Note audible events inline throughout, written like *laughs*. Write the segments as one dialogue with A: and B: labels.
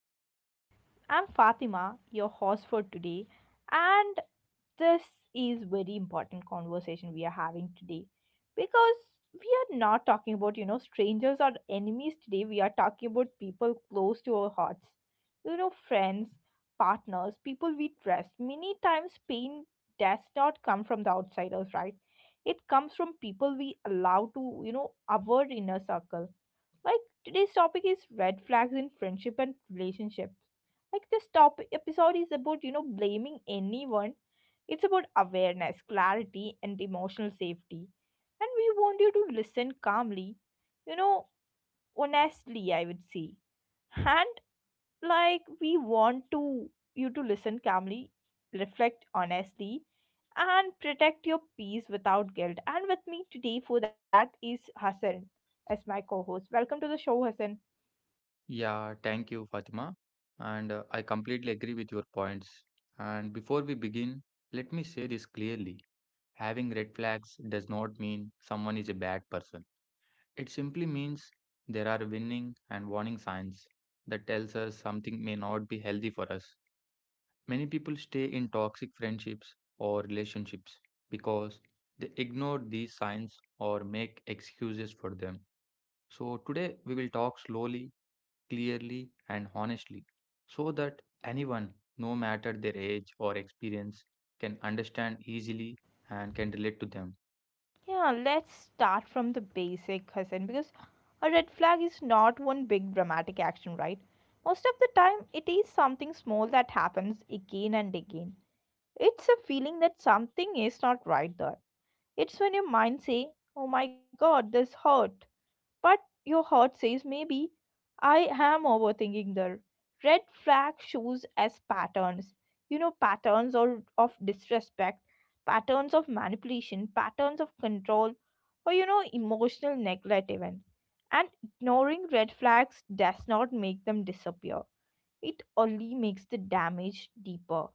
A: podcast. I'm Fatima, your host for today, and this is very important conversation we are having today because we are not talking about, strangers or enemies today. We are talking about people close to our hearts. You know, friends, partners, people we trust. Many times pain does not come from the outsiders, right? It comes from people we allow to, our inner circle. Like today's topic is red flags in friendship and relationships, like this topic episode is about blaming anyone. It's about awareness, clarity, and emotional safety, and we want you to listen calmly, you know honestly, I would say. And like we want to you to listen calmly, reflect honestly, and protect your peace without guilt. And with me today for that is Hassan as my co-host. Welcome to the show, Hassan.
B: Yeah, thank you, Fatima. And I completely agree with your points. And before we begin, let me say this clearly. Having red flags does not mean someone is a bad person. It simply means there are warning signs that tells us something may not be healthy for us. Many people stay in toxic friendships or relationships because they ignore these signs or make excuses for them. So today we will talk slowly, clearly, and honestly so that anyone, no matter their age or experience, can understand easily and can relate to them.
A: Yeah, let's start from the basic, Hassan, because a red flag is not one big dramatic action, right? Most of the time, it is something small that happens again and again. It's a feeling that something is not right there. It's when your mind say, "Oh my god, this hurt," but your heart says maybe I am overthinking there. Red flag shows as patterns. You know, patterns or of disrespect, patterns of manipulation, patterns of control, or emotional neglect even. And ignoring red flags does not make them disappear. It only makes the damage deeper.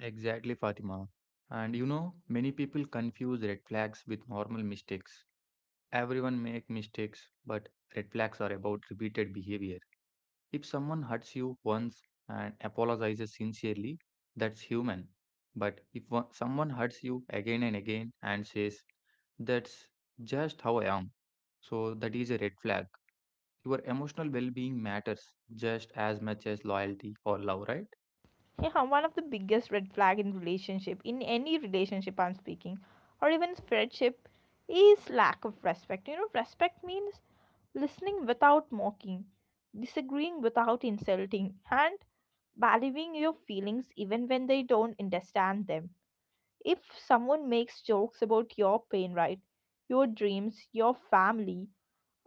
B: Exactly, Fatima. And you know, many people confuse red flags with normal mistakes. Everyone make mistakes, but red flags are about repeated behavior. If someone hurts you once and apologizes sincerely, that's human. But if someone hurts you again and again and says, "That's just how I am." So that is a red flag. Your emotional well-being matters just as much as loyalty or love, right?
A: Yeah, one of the biggest red flag in relationship, in any relationship I'm speaking, or even friendship, is lack of respect. You know, respect means listening without mocking, disagreeing without insulting, and valuing your feelings even when they don't understand them. If someone makes jokes about your pain, right, your dreams, your family,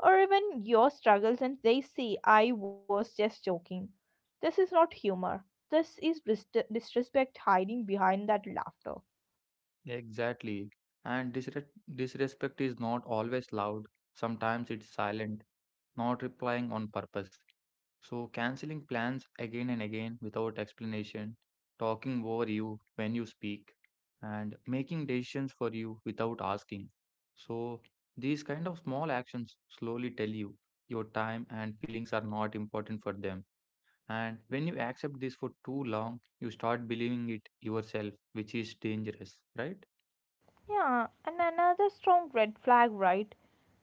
A: or even your struggles and they say, "I was just joking," this is not humor. This is disrespect hiding behind that laughter.
B: Exactly. And disrespect is not always loud. Sometimes it's silent, not replying on purpose. So, canceling plans again and again without explanation, talking over you when you speak, and making decisions for you without asking. So, these kind of small actions slowly tell you your time and feelings are not important for them. And when you accept this for too long, you start believing it yourself, which is dangerous, right?
A: Yeah, and another strong red flag, right,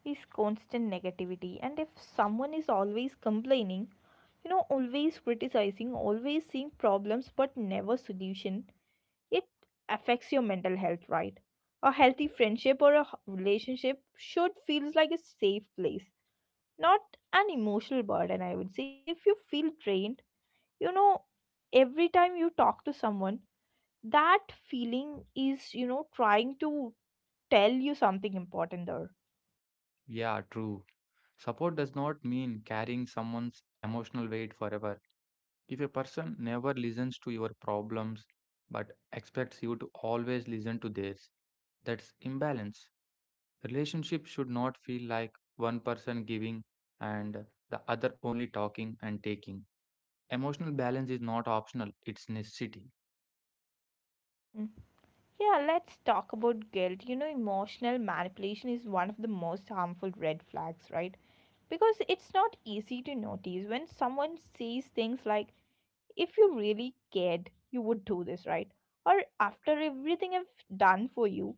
A: is constant negativity. And if someone is always complaining, always criticizing, always seeing problems but never solution, it affects your mental health, right? A healthy friendship or a relationship should feels like a safe place, not an emotional burden, I would say. If you feel drained, you know every time you talk to someone, that feeling is trying to tell you something important there.
B: Yeah, true. Support does not mean carrying someone's emotional weight forever. If a person never listens to your problems but expects you to always listen to theirs, that's imbalance. Relationship should not feel like one person giving and the other only talking and taking. Emotional balance is not optional, it's necessity.
A: Mm. Yeah, let's talk about guilt. You know, emotional manipulation is one of the most harmful red flags, right? Because it's not easy to notice when someone says things like, "If you really cared, you would do this," right? Or, "After everything I've done for you,"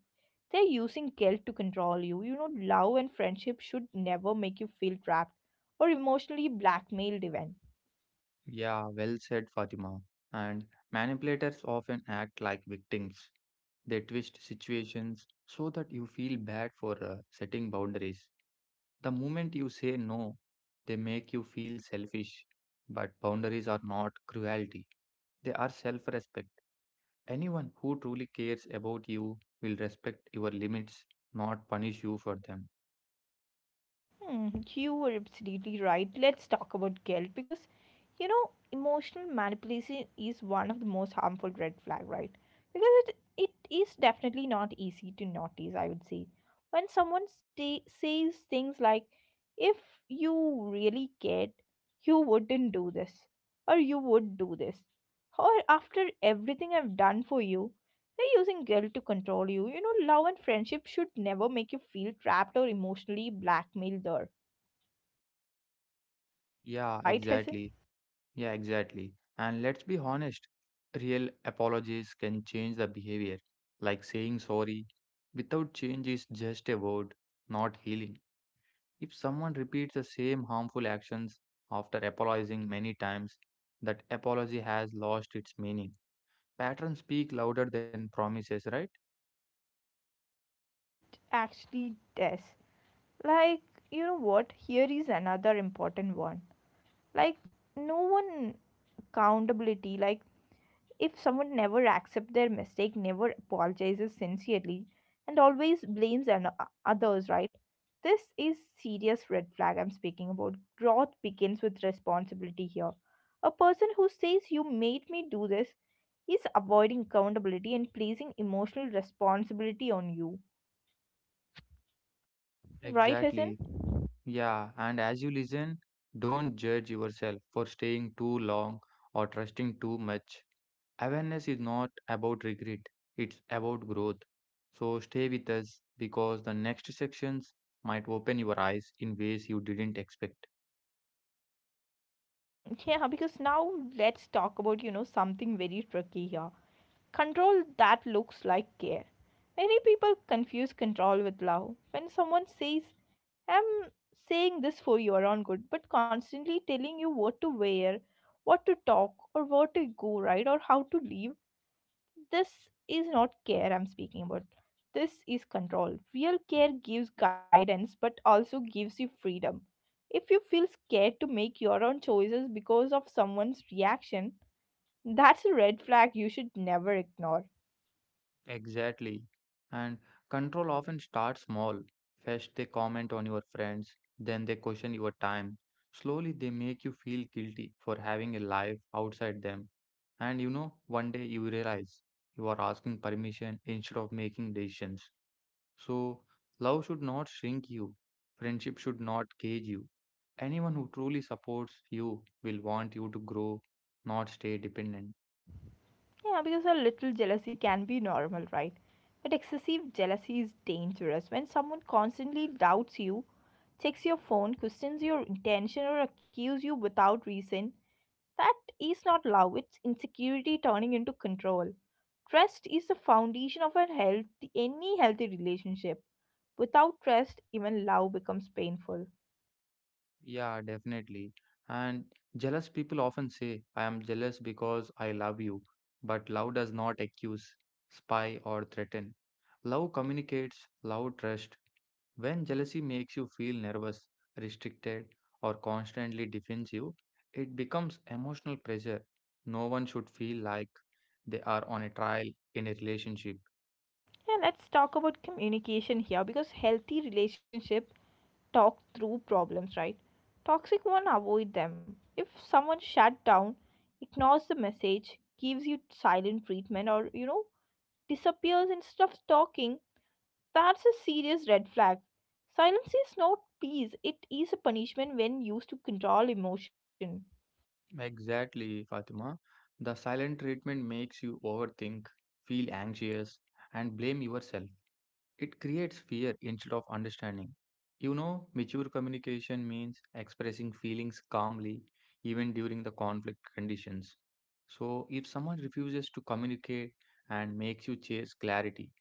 A: they're using guilt to control you. You know, love and friendship should never make you feel trapped or emotionally blackmailed, even.
B: Yeah, well said, Fatima. And manipulators often act like victims. They twist situations so that you feel bad for setting boundaries. The moment you say no, they make you feel selfish. But boundaries are not cruelty, they are self respect. Anyone who truly cares about you will respect your limits, not punish you for them.
A: Hmm, you were absolutely right. Let's talk about guilt because emotional manipulation is one of the most harmful red flag, right? Because it is definitely not easy to notice, I would say. When someone stay, says things like, "If you really cared, you wouldn't do this," or "You would do this," or "After everything I've done for you," they're using guilt to control you. You know, love and friendship should never make you feel trapped or emotionally blackmailed there.
B: Yeah,
A: Fight hasn't
B: exactly. Yeah, exactly. And let's be honest, real apologies can change the behavior, like saying sorry without change is just a word, not healing. If someone repeats the same harmful actions after apologizing many times, that apology has lost its meaning. Patterns speak louder than promises, right?
A: actually death. Like, you know what? Here is another important one. Like, no one accountability. Like, if someone never accepts their mistake, never apologizes sincerely, and always blames others, right? This is serious red flag I'm speaking about. Growth begins with responsibility here. A person who says, "You made me do this," is avoiding accountability and placing emotional responsibility on you. Right, Hassan?
B: Exactly. Yeah, and as you listen, don't judge yourself for staying too long or trusting too much. Awareness is not about regret, it's about growth. So stay with us because the next sections might open your eyes in ways you didn't expect.
A: Yeah, because now let's talk about, something very tricky here. Control that looks like care. Many people confuse control with love. When someone says, "I'm saying this for your own good," but constantly telling you what to wear, what to talk, or where to go, right, or how to leave, this is not care I'm speaking about. This is control. Real care gives guidance but also gives you freedom. If you feel scared to make your own choices because of someone's reaction, that's a red flag you should never ignore.
B: Exactly. And control often starts small. First, they comment on your friends, then they question your time. Slowly, they make you feel guilty for having a life outside them. And you know, one day you realize you are asking permission instead of making decisions. So, love should not shrink you, friendship should not cage you. Anyone who truly supports you will want you to grow, not stay dependent.
A: Yeah, because a little jealousy can be normal, right? But excessive jealousy is dangerous. When someone constantly doubts you, checks your phone, questions your intention, or accuses you without reason, that is not love. It's insecurity turning into control. Trust is the foundation of a healthy, any healthy relationship. Without trust, even love becomes painful.
B: Yeah, definitely. And jealous people often say, "I am jealous because I love you." But love does not accuse, spy, or threaten. Love communicates, love trusts. When jealousy makes you feel nervous, restricted, or constantly defensive, it becomes emotional pressure. No one should feel like they are on a trial in a relationship.
A: Yeah, let's talk about communication here because healthy relationship talk through problems, right? Toxic one avoid them. If someone shut down, ignores the message, gives you silent treatment, or disappears instead of talking, that's a serious red flag. Silence is not peace, it is a punishment when used to control emotion.
B: Exactly, Fatima. The silent treatment makes you overthink, feel anxious, and blame yourself. It creates fear instead of understanding. You know, mature communication means expressing feelings calmly even during the conflict conditions. So, if someone refuses to communicate and makes you chase clarity,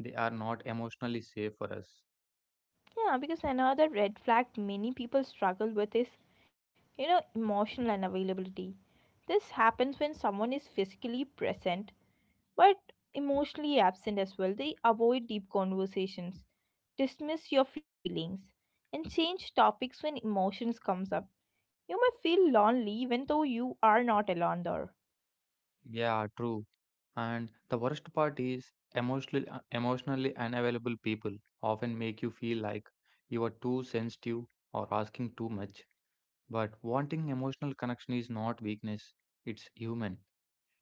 B: they are not emotionally safe for us.
A: Yeah, because another red flag many people struggle with is, emotional unavailability. This happens when someone is physically present but emotionally absent as well. They avoid deep conversations, dismiss your feelings, and change topics when emotions comes up. You may feel lonely even though you are not alone there.
B: Yeah, true. And the worst part is emotionally unavailable people often make you feel like you are too sensitive or asking too much. But wanting emotional connection is not weakness, it's human.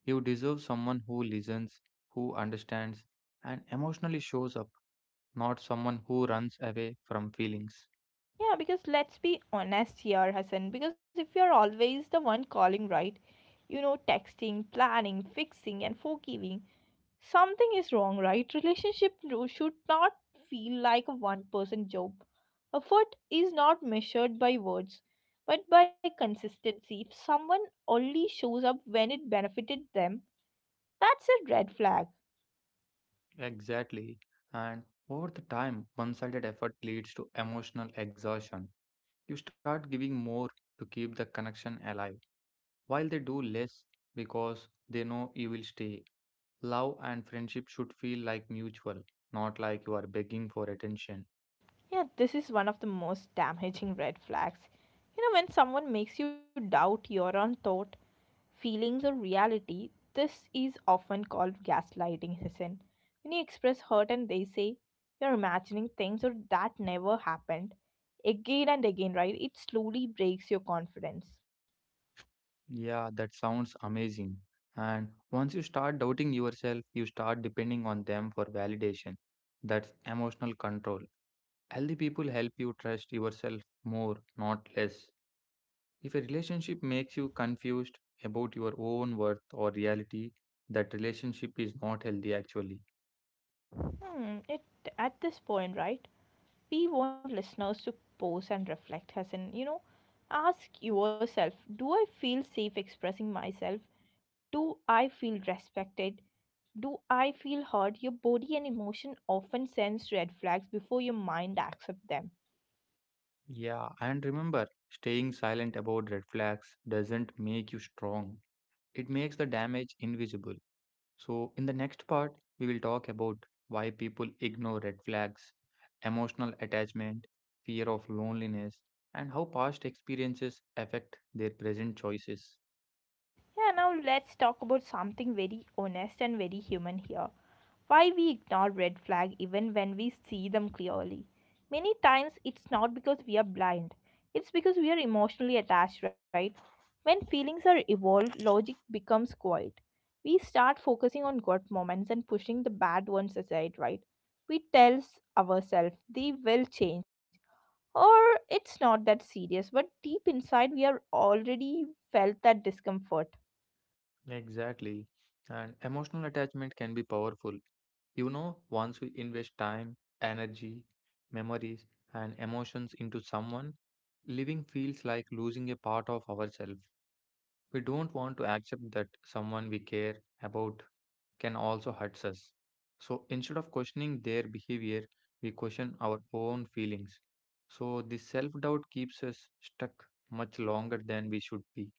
B: You deserve someone who listens, who understands, and emotionally shows up, not someone who runs away from feelings.
A: Yeah, because let's be honest here, Hassan, because if you're always the one calling, right, texting, planning, fixing, and forgiving, something is wrong, right? Relationship should not feel like a one person job. Effort is not measured by words, but by consistency. If someone only shows up when it benefited them, that's a red flag.
B: Exactly. And over the time, one sided effort leads to emotional exhaustion. You start giving more to keep the connection alive, while they do less because they know you will stay. Love and friendship should feel like mutual, not like you are begging for attention.
A: Yeah, this is one of the most damaging red flags. You know, when someone makes you doubt your own thought, feelings, or reality, this is often called gaslighting, Hassan. When you express hurt and they say, "You're imagining things," or "That never happened," again and again, right? It slowly breaks your confidence.
B: Yeah, that sounds amazing. And once you start doubting yourself, you start depending on them for validation. That's emotional control. Healthy people help you trust yourself more, not less. If a relationship makes you confused about your own worth or reality, that relationship is not healthy actually.
A: Hmm, it at this point, right? We want listeners to pause and reflect, Hassan. You know, ask yourself, do I feel safe expressing myself? Do I feel respected? Do I feel heard? Your body and emotion often sense red flags before your mind accepts them.
B: Yeah, and remember, staying silent about red flags doesn't make you strong. It makes the damage invisible. So, in the next part, we will talk about why people ignore red flags, emotional attachment, fear of loneliness, and how past experiences affect their present choices.
A: Yeah, now let's talk about something very honest and very human here. Why we ignore red flag even when we see them clearly. Many times it's not because we are blind. It's because we are emotionally attached, right? When feelings are evolved, logic becomes quiet. We start focusing on good moments and pushing the bad ones aside, right? We tell ourselves they will change. Or it's not that serious, but deep inside we are already felt that discomfort.
B: Exactly. And emotional attachment can be powerful. You know, once we invest time, energy, memories, and emotions into someone, living feels like losing a part of ourselves. We don't want to accept that someone we care about can also hurt us. So instead of questioning their behavior, we question our own feelings. So the self doubt keeps us stuck much longer than we should be.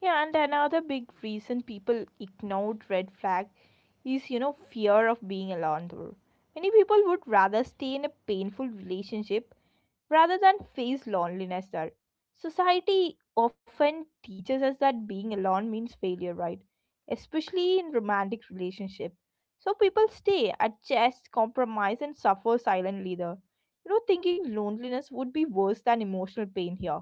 A: Yeah, and another big reason people ignored red flag is, fear of being alone. Though, many people would rather stay in a painful relationship rather than face loneliness there. Society often teaches us that being alone means failure, right? Especially in romantic relationship. So people stay, adjust, compromise, and suffer silently there. You know, thinking loneliness would be worse than emotional pain here.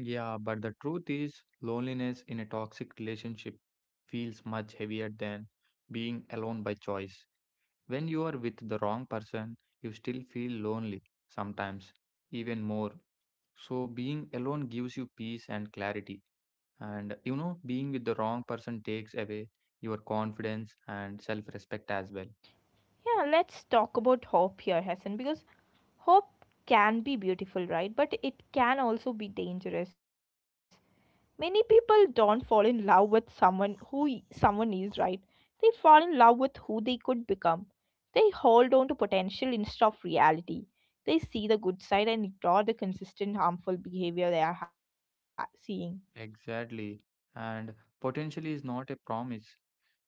B: Yeah, but the truth is, loneliness in a toxic relationship feels much heavier than being alone by choice. When you are with the wrong person, you still feel lonely sometimes, even more. So being alone gives you peace and clarity. And you know, being with the wrong person takes away your confidence and self respect as well.
A: Yeah, let's talk about hope here, Hassan, because hope can be beautiful, right? But it can also be dangerous. Many people don't fall in love with someone who someone is, right? They fall in love with who they could become. They hold on to potential instead of reality. They see the good side and ignore the consistent harmful behavior they are seeing.
B: Exactly. And potentially is not a promise.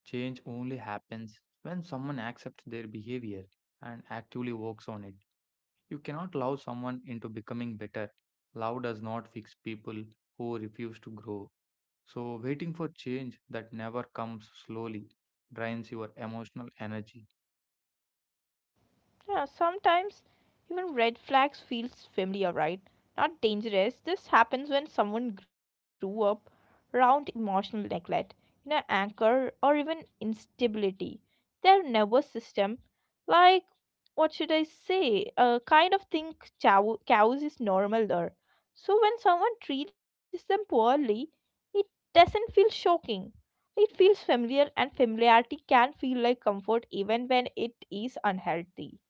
B: Change only happens when someone accepts their behavior and actively works on it. You cannot love someone into becoming better. Love does not fix people who refuse to grow. So, waiting for change that never comes slowly drains your emotional energy.
A: Yeah, sometimes even red flags feels familiar, right? Not dangerous. This happens when someone grew up around emotional neglect, anger, or even instability. Their nervous system, like what should I say, kind of think cows is normal there. So when someone treats them poorly, it doesn't feel shocking. It feels familiar, and familiarity can feel like comfort even when it is unhealthy.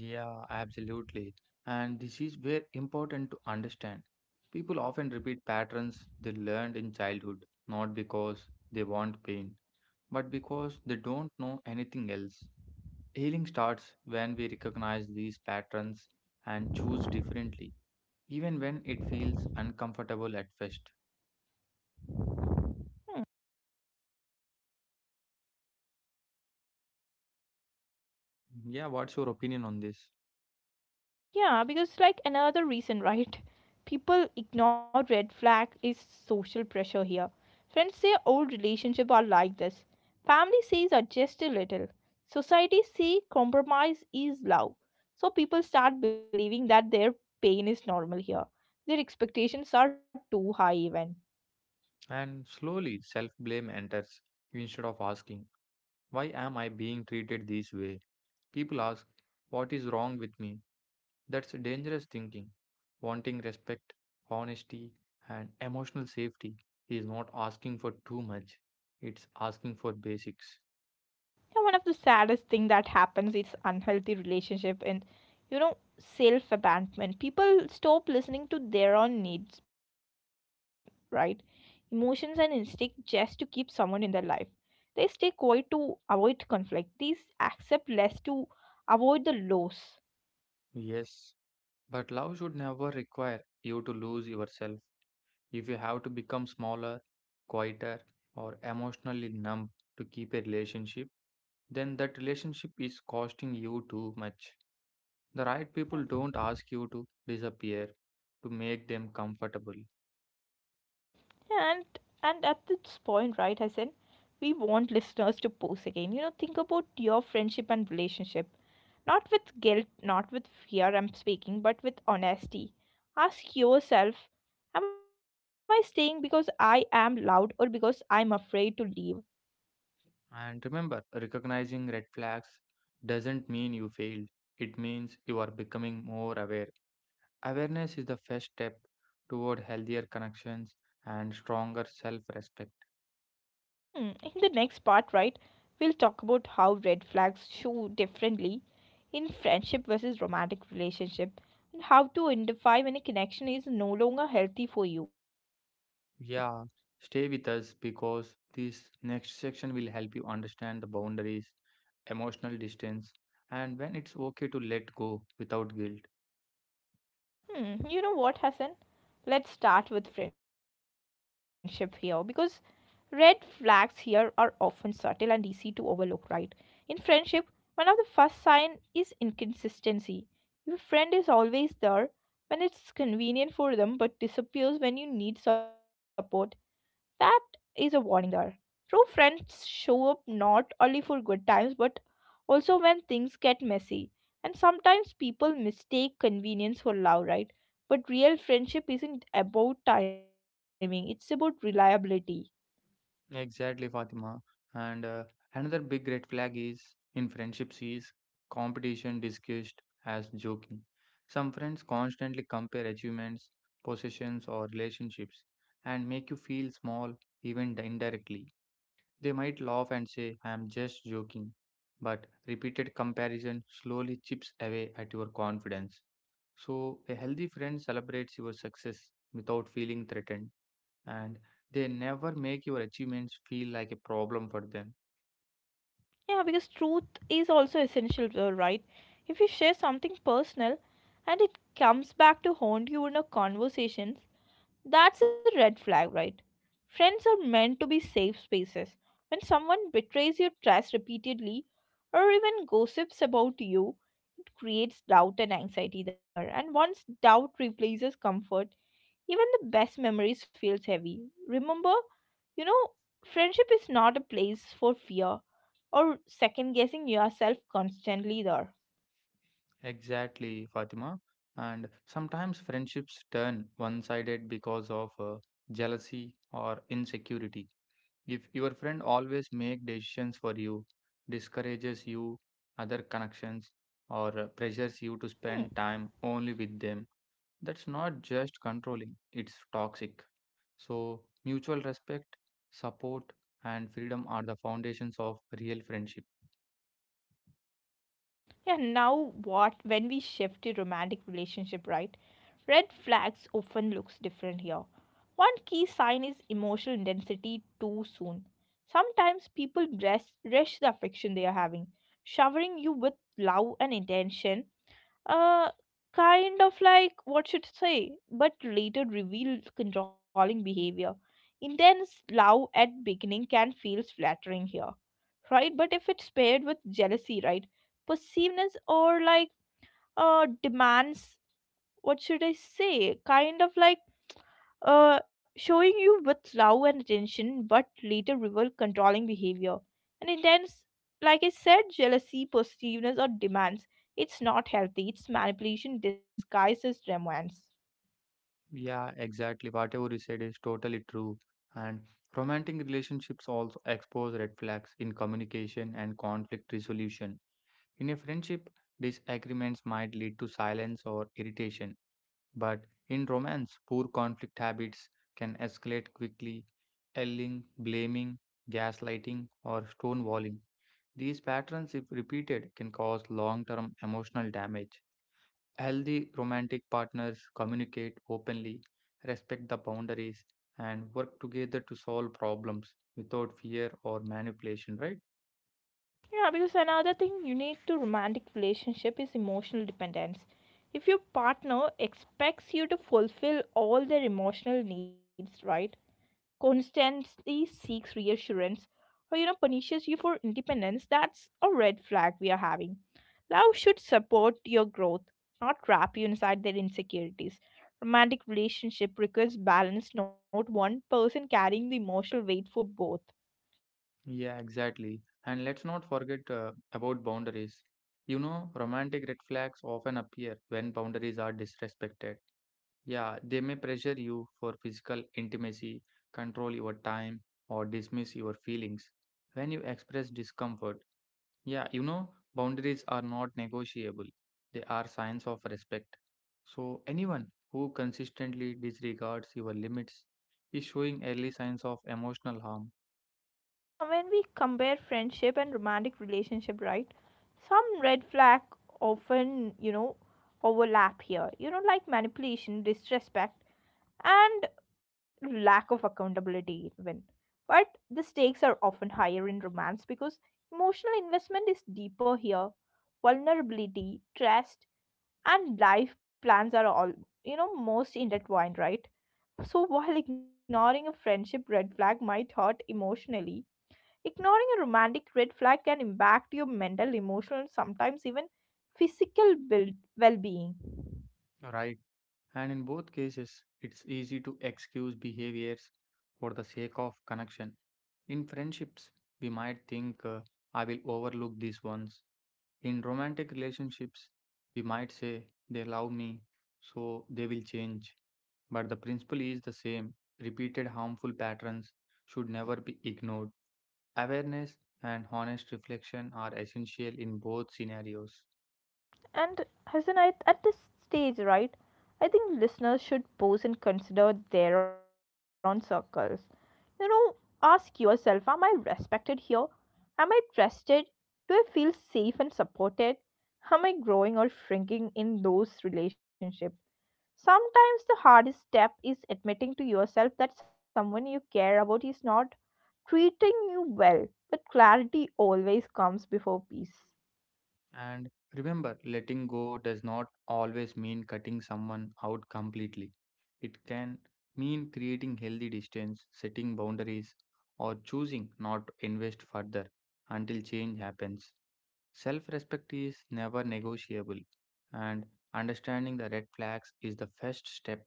B: Yeah, absolutely. And this is very important to understand. People often repeat patterns they learned in childhood, not because they want pain, but because they don't know anything else. Healing starts when we recognize these patterns and choose differently, even when it feels uncomfortable at first.
A: Hmm.
B: Yeah, what's your opinion on this?
A: Yeah, because like another reason, right? People ignore red flag is social pressure here. Friends say old relationship are like this. Family says adjust a little. Society say compromise is love. So people start believing that their pain is normal here. Their expectations are too high even.
B: And slowly self blame enters instead of asking, "Why am I being treated this way?" People ask, "What is wrong with me?" That's dangerous thinking. Wanting respect, honesty, and emotional safety is not asking for too much, it's asking for basics.
A: Yeah, one of the saddest thing that happens is unhealthy relationship and self abandonment. People stop listening to their own needs, right? Emotions and instinct just to keep someone in their life. They stay quiet to avoid conflict. These accept less to avoid the loss.
B: Yes, but love should never require you to lose yourself. If you have to become smaller, quieter, or emotionally numb to keep a relationship, then that relationship is costing you too much. The right people don't ask you to disappear to make them comfortable.
A: And and at this point, right, Hassan, we want listeners to pose again. You know, think about your friendship and relationship. Not with guilt, not with fear, I'm speaking, but with honesty. Ask yourself, am I staying because I am loud or because I'm afraid to leave?
B: And remember, recognizing red flags doesn't mean you failed, it means you are becoming more aware. Awareness is the first step toward healthier connections and stronger self respect.
A: Hmm, in the next part, right, we'll talk about how red flags show differently in friendship versus romantic relationship and how to identify when a connection is no longer healthy for you.
B: Yeah, stay with us because this next section will help you understand the boundaries, emotional distance, and when it's okay to let go without guilt.
A: Hmm, you know what, Hassan? Let's start with friendship here because red flags here are often subtle and easy to overlook, right? In friendship, one of the first signs is inconsistency. Your friend is always there when it's convenient for them but disappears when you need support, that is a warning there. True friends show up not only for good times but also when things get messy. And sometimes people mistake convenience for love, right? But real friendship isn't about timing, it's about reliability.
B: Exactly, Fatima. And another big red flag is in friendships is competition discussed as joking. Some friends constantly compare achievements, possessions, or relationships and make you feel small even indirectly. They might laugh and say, "I am just joking," but repeated comparison slowly chips away at your confidence. So, a healthy friend celebrates your success without feeling threatened and they never make your achievements feel like a problem for them.
A: Yeah, because truth is also essential, right? If you share something personal and it comes back to haunt you in a conversation, that's a red flag, right? Friends are meant to be safe spaces. When someone betrays your trust repeatedly or even gossips about you, it creates doubt and anxiety there. And once doubt replaces comfort, even the best memories feels heavy. Remember, you know, friendship is not a place for fear or second guessing yourself constantly there.
B: Exactly, Fatima. And sometimes friendships turn one sided because of jealousy or insecurity. If your friend always make decisions for you, discourages you, other
A: Hmm.
B: connections, or pressures you to spend time only with them, that's not just controlling, it's toxic. So, mutual respect, support, and freedom are the foundations of real friendship.
A: Yeah, now what when we shift to romantic relationship, right? Red flags often looks different here. One key sign is emotional intensity too soon. Sometimes people rush the affection they are having, showering you with love and intention. Uh, Kind of like what should say, but later reveal controlling behavior. Intense love at beginning can feel flattering here, right? But if it's paired with jealousy, right? Possessiveness or like demands, what should I say? Kind of like showing you with love and attention, but later reveal controlling behavior. And intense, like I said, jealousy, possessiveness or demands. It's not healthy. It's manipulation disguised as romance.
B: Yeah, exactly. Whatever you said is totally true. And romantic relationships also expose red flags in communication and conflict resolution. In a friendship, disagreements might lead to silence or irritation. But in romance, poor conflict habits can escalate quickly, yelling, blaming, gaslighting, or stonewalling. These patterns, if repeated, can cause long term emotional damage. Healthy romantic partners communicate openly, respect the boundaries, and work together to solve problems without fear or manipulation, right?
A: Yeah, because another thing you need to romantic relationship is emotional dependence. If your partner expects you to fulfill all their emotional needs, right? Constantly seeks reassurance or punishes you for independence, that's a red flag we are having. Love should support your growth, not trap you inside their insecurities. Romantic relationship requires balance, not one person carrying the emotional weight for both.
B: Yeah, exactly. And let's not forget about boundaries. You know, romantic red flags often appear when boundaries are disrespected. Yeah, they may pressure you for physical intimacy, control your time, or dismiss your feelings. When you express discomfort, yeah, you know, boundaries are not negotiable. They are signs of respect. So anyone who consistently disregards your limits is showing early signs of emotional harm.
A: When we compare friendship and romantic relationship, right, some red flag often, overlap here, like manipulation, disrespect, and lack of accountability even, but the stakes are often higher in romance because emotional investment is deeper here, vulnerability, trust, and life plans are all, most intertwined, right? So while ignoring a friendship red flag might hurt emotionally, ignoring a romantic red flag can impact your mental, emotional, and sometimes even physical build, well-being.
B: Okay, right? And in both cases, it's easy to excuse behaviors for the sake of connection. In friendships, we might think, "I will overlook these ones." In romantic relationships, we might say, "They love me, so they will change." But the principle is the same, repeated harmful patterns should never be ignored. Awareness and honest reflection are essential in both scenarios.
A: And Hassan, I, at this stage, right, I think listeners should pause and consider their own circles. You know, ask yourself, am I respected here? Am I trusted? Do I feel safe and supported? Am I growing or shrinking in those relationships? Sometimes the hardest step is admitting to yourself that someone you care about is not treating you well. But clarity always comes before peace.
B: And remember, letting go does not always mean cutting someone out completely. It can mean creating healthy distance, setting boundaries, or choosing not to invest further until change happens. Self respect is never negotiable, and understanding the red flags is the first step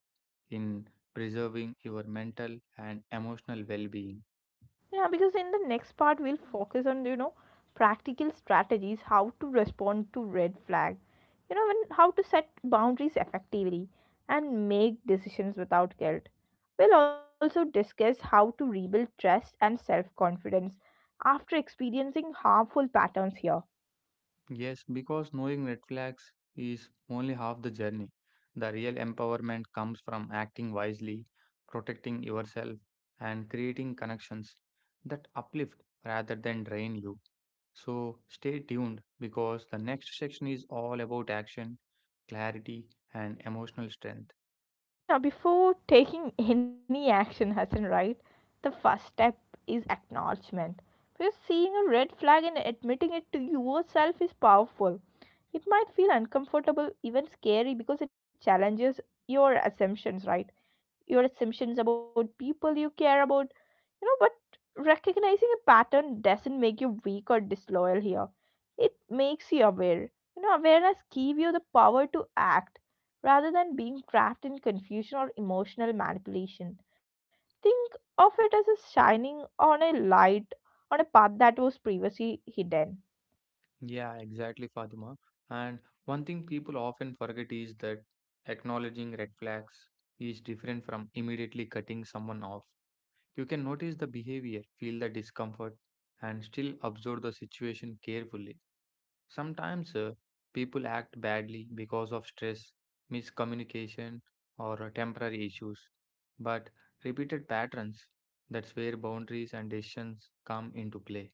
B: in preserving your mental and emotional well being.
A: Yeah, because in the next part we'll focus on, practical strategies, how to respond to red flag, and how to set boundaries effectively and make decisions without guilt. We'll also discuss how to rebuild trust and self confidence after experiencing harmful patterns here.
B: Yes, because knowing red flags is only half the journey. The real empowerment comes from acting wisely, protecting yourself, and creating connections that uplift rather than drain you. So stay tuned because the next section is all about action, clarity, and emotional strength.
A: Now, before taking any action, Hassan, right, the first step is acknowledgement. Because seeing a red flag and admitting it to yourself is powerful. It might feel uncomfortable, even scary, because it challenges your assumptions, right? Your assumptions about people you care about, but recognizing a pattern doesn't make you weak or disloyal here, it makes you aware. Awareness give you the power to act rather than being trapped in confusion or emotional manipulation. Think of it as a shining on a light on a path that was previously hidden.
B: Yeah, exactly, Fatima. And one thing people often forget is that acknowledging red flags is different from immediately cutting someone off. You can notice the behavior, feel the discomfort, and still observe the situation carefully. Sometimes people act badly because of stress, miscommunication, or temporary issues. But repeated patterns, that's where boundaries and decisions come into play.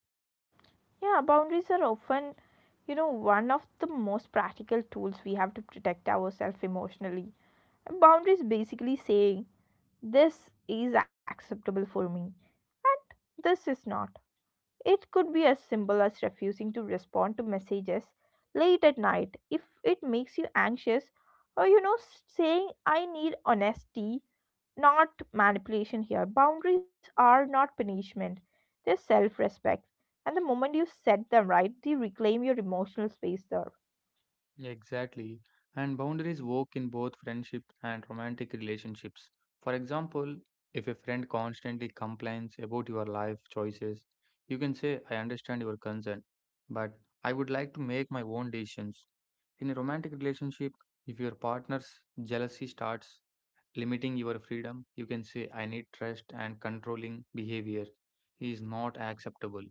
A: Yeah, boundaries are often, one of the most practical tools we have to protect ourselves emotionally, and boundaries basically saying this is acceptable for me and this is not. It could be as simple as refusing to respond to messages late at night if it makes you anxious, or saying, I need honesty, not manipulation here. Boundaries are not punishment, they're self respect. And the moment you set them right, they reclaim your emotional space there.
B: Exactly. And boundaries work in both friendship and romantic relationships. For example, if a friend constantly complains about your life choices, you can say, I understand your concern, but I would like to make my own decisions. In a romantic relationship, if your partner's jealousy starts limiting your freedom, you can say, I need trust and controlling behavior is not acceptable.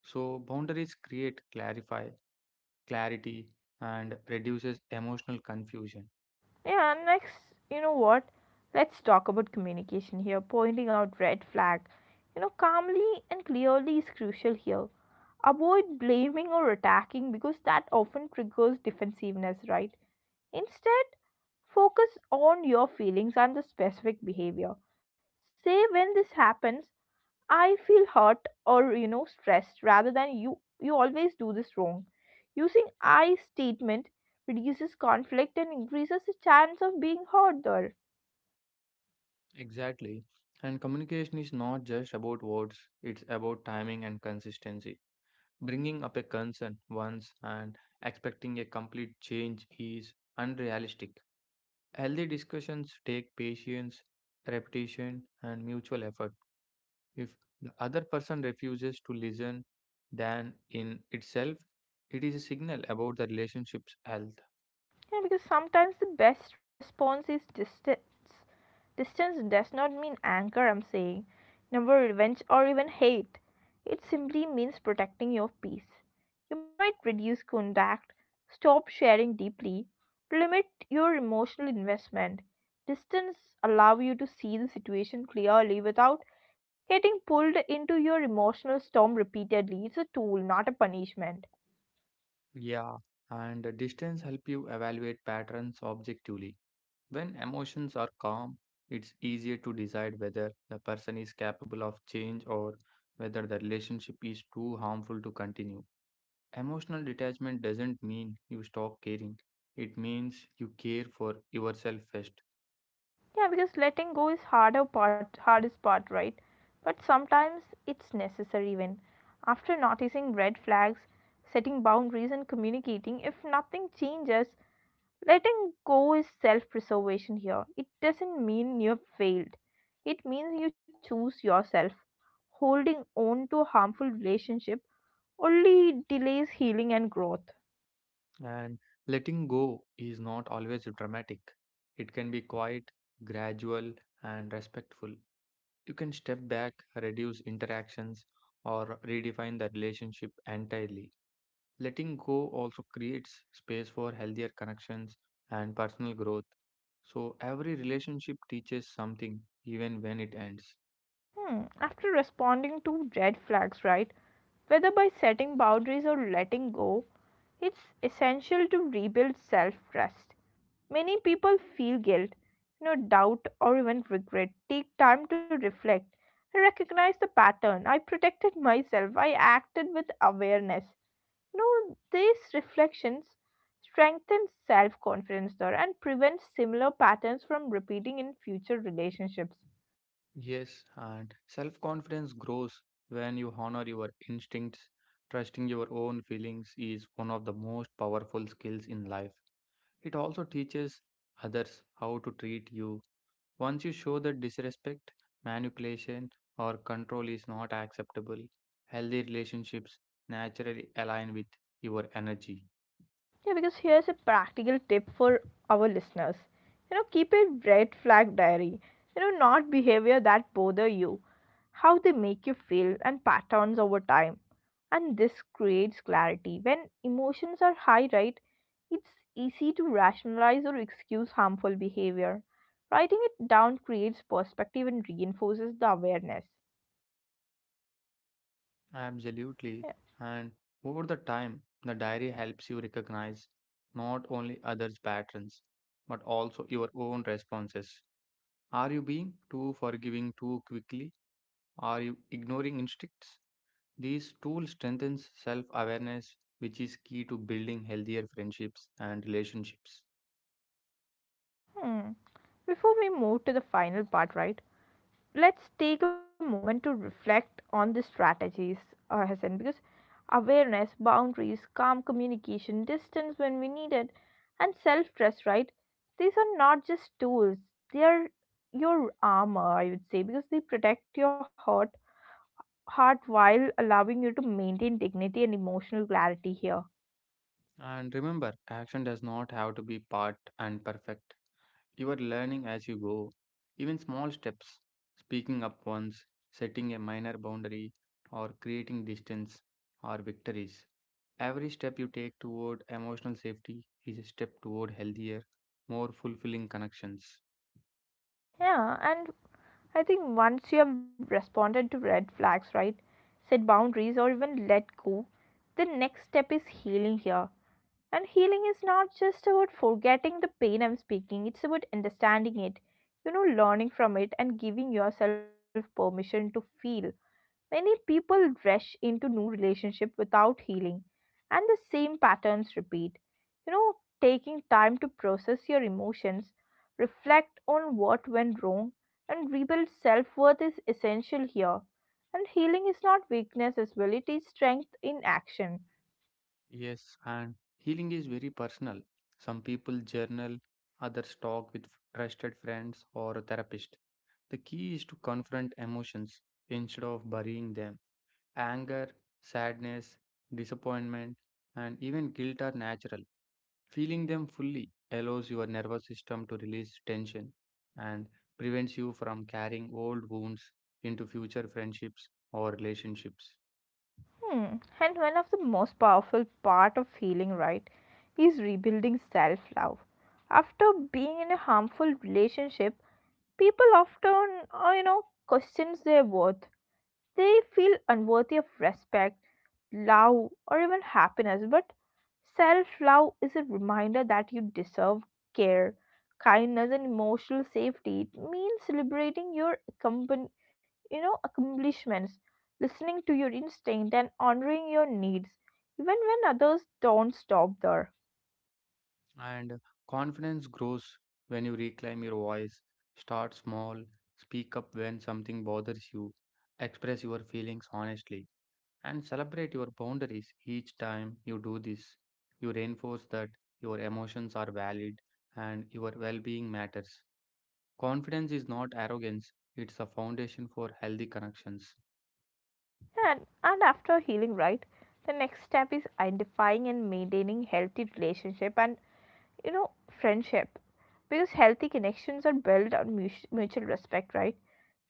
B: So, boundaries create clarify, clarity and reduces emotional confusion.
A: Yeah, next, you know what? Let's talk about communication here. Pointing out red flag, calmly and clearly is crucial here. Avoid blaming or attacking because that often triggers defensiveness, right? Instead, focus on your feelings and the specific behavior. Say when this happens I feel hurt or stressed rather than you always do this wrong. Using I statement reduces conflict and increases the chance of being hurt there.
B: Exactly. And communication is not just about words, it's about timing and consistency. Bringing up a concern once and expecting a complete change is unrealistic. Healthy discussions take patience, repetition, and mutual effort. If the other person refuses to listen, then in itself, it is a signal about the relationship's health.
A: Yeah, because sometimes the best response is distance. Distance does not mean anger, I'm saying, never revenge or even hate. It simply means protecting your peace. You might reduce contact, stop sharing deeply, limit your emotional investment. Distance allows you to see the situation clearly without getting pulled into your emotional storm repeatedly. It's a tool, not a punishment.
B: Yeah, and the distance help you evaluate patterns objectively. When emotions are calm, it's easier to decide whether the person is capable of change or whether the relationship is too harmful to continue. Emotional detachment doesn't mean you stop caring, it means you care for yourself first.
A: Yeah, because letting go is harder part, hardest part, right? But sometimes it's necessary when, after noticing red flags, setting boundaries, and communicating, if nothing changes, letting go is self preservation here. It doesn't mean you've failed, it means you choose yourself. Holding on to a harmful relationship only delays healing and growth.
B: And letting go is not always dramatic, it can be quiet, gradual, and respectful. You can step back, reduce interactions, or redefine the relationship entirely. Letting go also creates space for healthier connections and personal growth. So, every relationship teaches something even when it ends.
A: Hmm. After responding to red flags, right, whether by setting boundaries or letting go, it's essential to rebuild self trust. Many people feel guilt, doubt, or even regret. Take time to reflect and recognize the pattern. I protected myself, I acted with awareness. These reflections strengthen self confidence there and prevent similar patterns from repeating in future relationships.
B: Yes, and self confidence grows when you honor your instincts. Trusting your own feelings is one of the most powerful skills in life. It also teaches others how to treat you. Once you show that disrespect, manipulation, or control is not acceptable, healthy relationships naturally align with your energy.
A: Yeah, because here's a practical tip for our listeners. Keep a red flag diary. Not behavior that bother you, how they make you feel, and patterns over time. And this creates clarity. When emotions are high, right, it's easy to rationalize or excuse harmful behavior. Writing it down creates perspective and reinforces the awareness.
B: Absolutely.
A: Yeah.
B: And over the time, the diary helps you recognize not only others' patterns, but also your own responses. Are you being too forgiving too quickly? Are you ignoring instincts? These tools strengthens self-awareness, which is key to building healthier friendships and relationships.
A: Hmm. Before we move to the final part, right? Let's take a moment to reflect on the strategies, Hassan, because awareness, boundaries, calm communication, distance when we need it, and self trust, right? These are not just tools, they are your armor, I would say, because they protect your heart while allowing you to maintain dignity and emotional clarity here.
B: And remember, action does not have to be part and perfect. You are learning as you go. Even small steps, speaking up once, setting a minor boundary, or creating distance, are victories. Every step you take toward emotional safety is a step toward healthier, more fulfilling connections.
A: Yeah, and I think once you have responded to red flags, right, set boundaries, or even let go, the next step is healing here. And healing is not just about forgetting the pain I'm speaking, it's about understanding it, learning from it and giving yourself permission to feel. Many people rush into new relationship without healing and the same patterns repeat. You know, taking time to process your emotions, reflect on what went wrong and rebuild self-worth is essential here. And healing is not weakness as well, it is strength in action.
B: Yes, and healing is very personal. Some people journal, others talk with trusted friends or a therapist. The key is to confront emotions instead of burying them. Anger, sadness, disappointment, and even guilt are natural. Feeling them fully allows your nervous system to release tension and prevents you from carrying old wounds into future friendships or relationships.
A: Hmm. And one of the most powerful part of healing, right, is rebuilding self-love. After being in a harmful relationship, people often, questions their worth. They feel unworthy of respect, love, or even happiness. But self love is a reminder that you deserve care, kindness, and emotional safety. It means celebrating your accomplishments, listening to your instinct, and honoring your needs, even when others don't stop there.
B: And confidence grows when you reclaim your voice, start small, speak up when something bothers you, express your feelings honestly, and celebrate your boundaries each time you do this. You reinforce that your emotions are valid and your well being matters. Confidence is not arrogance, it's a foundation for healthy connections.
A: And after healing, right? The next step is identifying and maintaining healthy relationship and you know friendship, because healthy connections are built on mutual respect, right,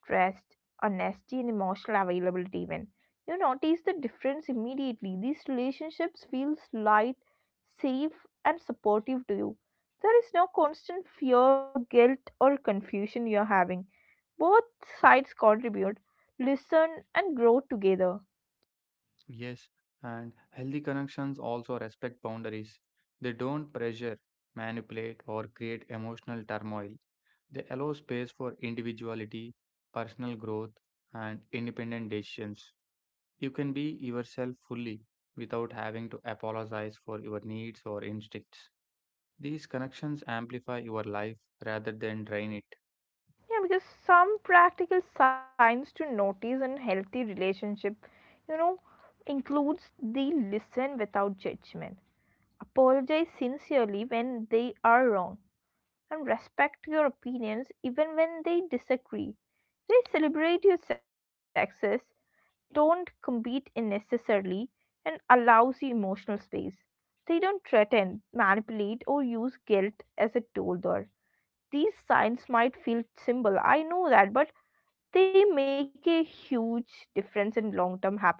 A: trust, honesty and emotional availability even. You notice the difference immediately, these relationships feel light, safe, and supportive to you. There is no constant fear, guilt or confusion you're having. Both sides contribute, listen and grow together.
B: Yes, and healthy connections also respect boundaries. They don't pressure, manipulate, or create emotional turmoil. They allow space for individuality, personal growth, and independent decisions. You can be yourself fully without having to apologize for your needs or instincts. These connections amplify your life rather than drain it.
A: Yeah, because some practical signs to notice in healthy relationship, you know, includes the listen without judgment, apologize sincerely when they are wrong, and respect your opinions even when they disagree. They celebrate your success, don't compete unnecessarily, and allows you emotional space. They don't threaten, manipulate, or use guilt as a tool there. These signs might feel simple, I know that, but they make a huge difference in long term happiness.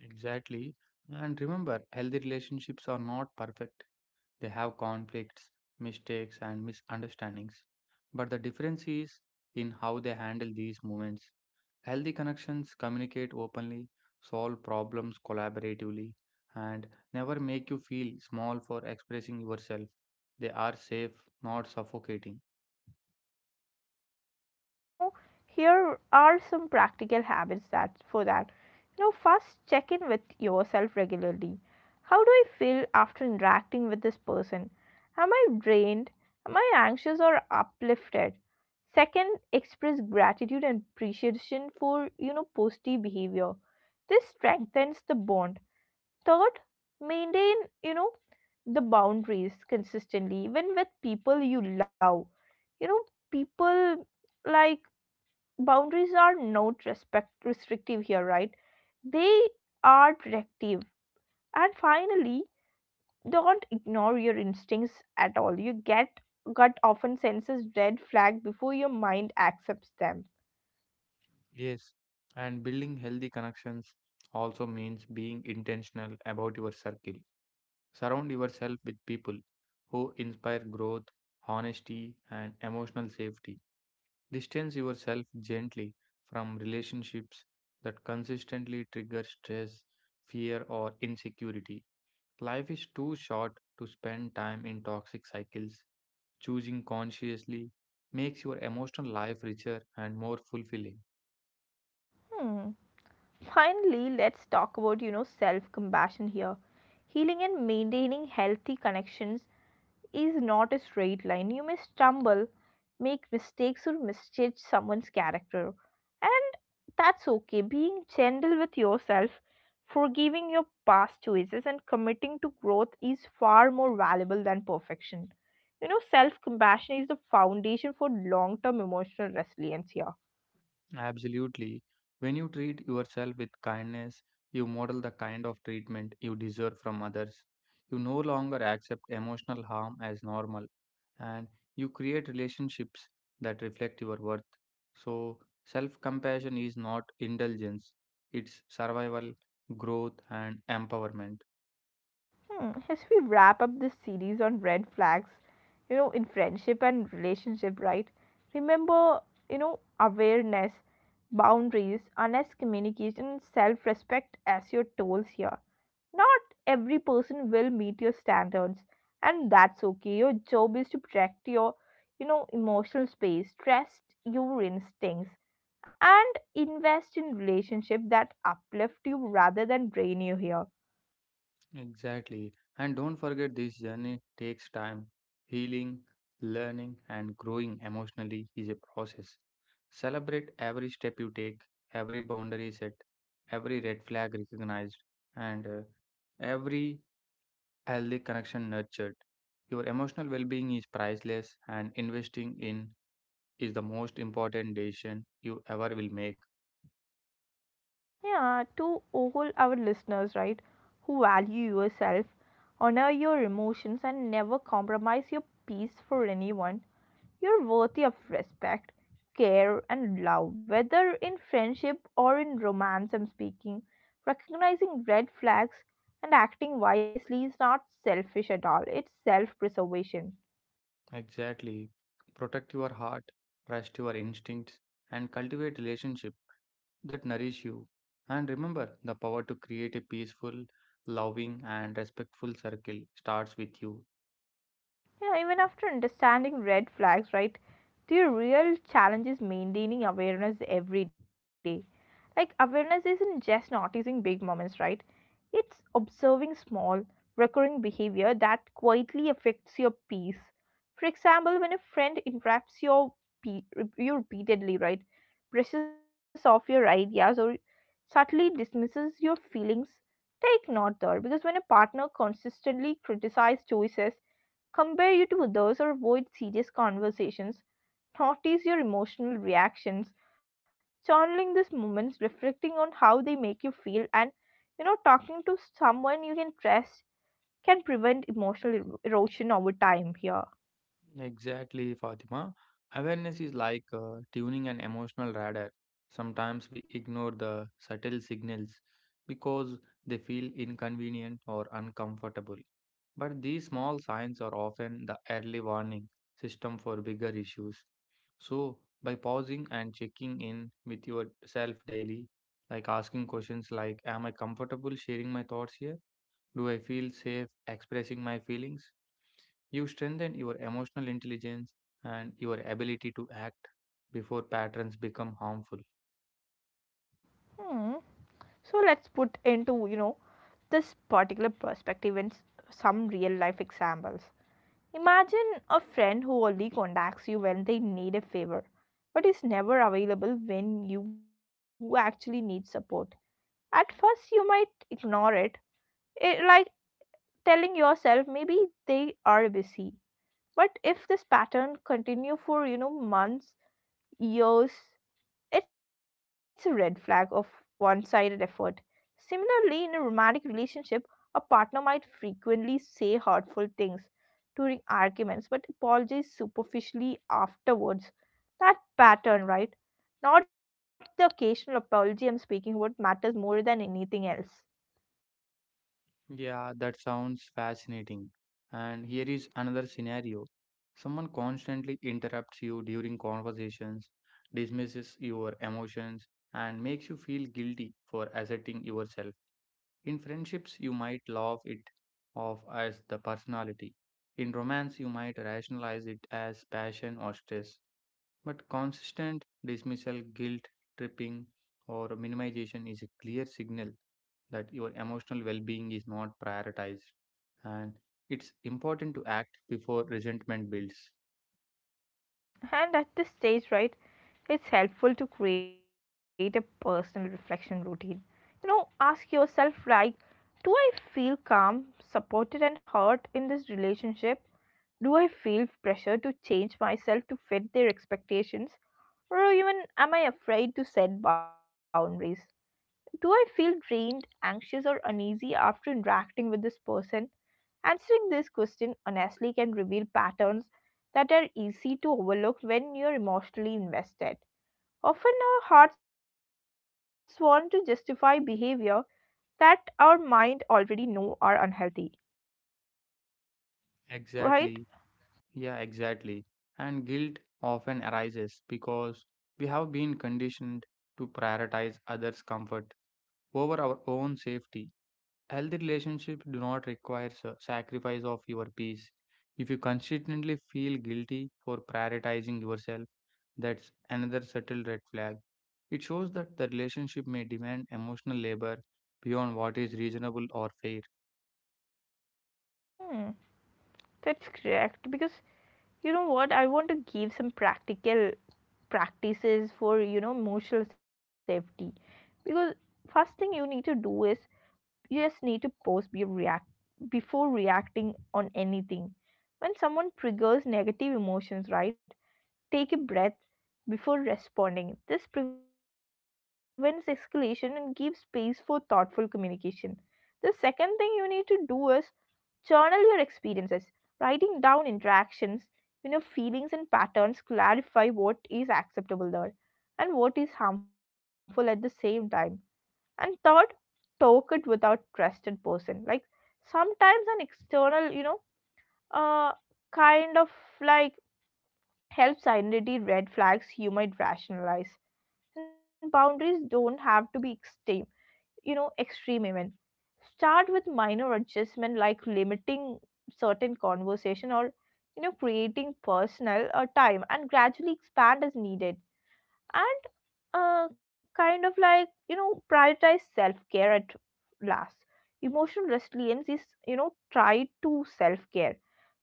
B: Exactly. And remember, healthy relationships are not perfect. They have conflicts, mistakes, and misunderstandings. But the difference is in how they handle these moments. Healthy connections communicate openly, solve problems collaboratively, and never make you feel small for expressing yourself. They are safe, not suffocating.
A: So here are some practical habits that for that. First check in with yourself regularly. How do I feel after interacting with this person? Am I drained? Am I anxious or uplifted? Second, express gratitude and appreciation for positive behavior. This strengthens the bond. Third, maintain, you know, the boundaries consistently, even with people you love. You know, people like boundaries are not respect restrictive here, right? They are protective. And finally, don't ignore your instincts at all. You get gut often senses red flag before your mind accepts them.
B: Yes, and building healthy connections also means being intentional about your circle. Surround yourself with people who inspire growth, honesty, and emotional safety. Distance yourself gently from relationships that consistently trigger stress, fear, or insecurity. Life is too short to spend time in toxic cycles. Choosing consciously makes your emotional life richer and more fulfilling.
A: Hmm. Finally, let's talk about, self compassion here. Healing and maintaining healthy connections is not a straight line. You may stumble, make mistakes, or misjudge someone's character. And that's okay. Being gentle with yourself, forgiving your past choices, and committing to growth is far more valuable than perfection. Self compassion is the foundation for long term emotional resilience here.
B: Absolutely. When you treat yourself with kindness, you model the kind of treatment you deserve from others. You no longer accept emotional harm as normal, and you create relationships that reflect your worth. So, self compassion is not indulgence, it's survival, growth, and empowerment.
A: Hmm. As we wrap up this series on red flags, you know, in friendship and relationship, right? Remember, you know, awareness, boundaries, honest communication, and self respect as your tools here. Not every person will meet your standards, and that's okay. Your job is to protect your, you know, emotional space, trust your instincts, and invest in relationship that uplift you rather than drain you here.
B: Exactly. And don't forget this journey takes time. Healing, learning, and growing emotionally is a process. Celebrate every step you take, every boundary set, every red flag recognized, and every healthy connection nurtured. Your emotional well being is priceless, and investing in is the most important decision you ever will make.
A: Yeah, to all our listeners, right, who value yourself, honor your emotions, and never compromise your peace for anyone, you're worthy of respect, care, and love, whether in friendship or in romance. I'm speaking. Recognizing red flags and acting wisely is not selfish at all, it's self preservation.
B: Exactly. Protect your heart, trust your instincts, and cultivate relationships that nourish you. And remember, the power to create a peaceful, loving, and respectful circle starts with you.
A: Yeah, even after understanding red flags, right? The real challenge is maintaining awareness every day. Like, awareness isn't just noticing big moments, right? It's observing small, recurring behavior that quietly affects your peace. For example, when a friend interrupts your pe- you repeatedly, right? Presses off your ideas or subtly dismisses your feelings, take note there, because when a partner consistently criticizes choices, compare you to others, or avoid serious conversations. Notice your emotional reactions. Journaling these moments, reflecting on how they make you feel, and you know, talking to someone you can trust can prevent emotional erosion over time here.
B: Exactly, Fatima. Awareness is like tuning an emotional radar. Sometimes we ignore the subtle signals because they feel inconvenient or uncomfortable. But these small signs are often the early warning system for bigger issues. So, by pausing and checking in with yourself daily, like asking questions like, am I comfortable sharing my thoughts here? Do I feel safe expressing my feelings? You strengthen your emotional intelligence and your ability to act before patterns become harmful.
A: Hmm. So let's put into you know this particular perspective in some real life examples. Imagine a friend who only contacts you when they need a favor, but is never available when you actually need support. At first, you might ignore it, it like telling yourself maybe they are busy. But if this pattern continue for you know months, years, it's a red flag of one sided effort. Similarly, in a romantic relationship, a partner might frequently say hurtful things during arguments but apologize superficially afterwards. That pattern, right? Not the occasional apology I'm speaking about matters more than anything else.
B: Yeah, that sounds fascinating. And here is another scenario someone constantly interrupts you during conversations, dismisses your emotions, and makes you feel guilty for asserting yourself. In friendships, you might laugh it off as the personality. In romance, you might rationalize it as passion or stress. But consistent dismissal, guilt, tripping, or minimization is a clear signal that your emotional well being is not prioritized. And it's important to act before resentment builds.
A: And at this stage, right, it's helpful to create a personal reflection routine. You know, ask yourself like, do I feel calm, supported, and heard in this relationship? Do I feel pressure to change myself to fit their expectations? Or even am I afraid to set boundaries? Do I feel drained, anxious, or uneasy after interacting with this person? Answering this question honestly can reveal patterns that are easy to overlook when you're emotionally invested. Often, our hearts want to justify behavior that our mind already know are unhealthy, right?
B: Exactly. Yeah, exactly. And guilt often arises because we have been conditioned to prioritize others' comfort over our own safety. Healthy relationships do not require sacrifice of your peace. If you consistently feel guilty for prioritizing yourself, that's another subtle red flag. It shows that the relationship may demand emotional labor beyond what is reasonable or fair.
A: Hmm, that's correct, because you know what? I want to give some practical practices for you know emotional safety, because first thing you need to do is you just need to pause be react before reacting on anything. When someone triggers negative emotions, right, take a breath before responding. This prevents escalation and gives space for thoughtful communication. The second thing you need to do is journal your experiences. Writing down interactions, you know, feelings and patterns clarify what is acceptable there and what is harmful at the same time. And third, talk it without trusted person. Like sometimes an external, you know, uh, kind of like helps identity red flags you might rationalize. And boundaries don't have to be extreme, you know, extreme event. Start with minor adjustment like limiting certain conversation, or you know, creating personal time and gradually expand as needed. And kind of like, you know, prioritize self-care. At last, emotional resilience is, you know, try to self-care,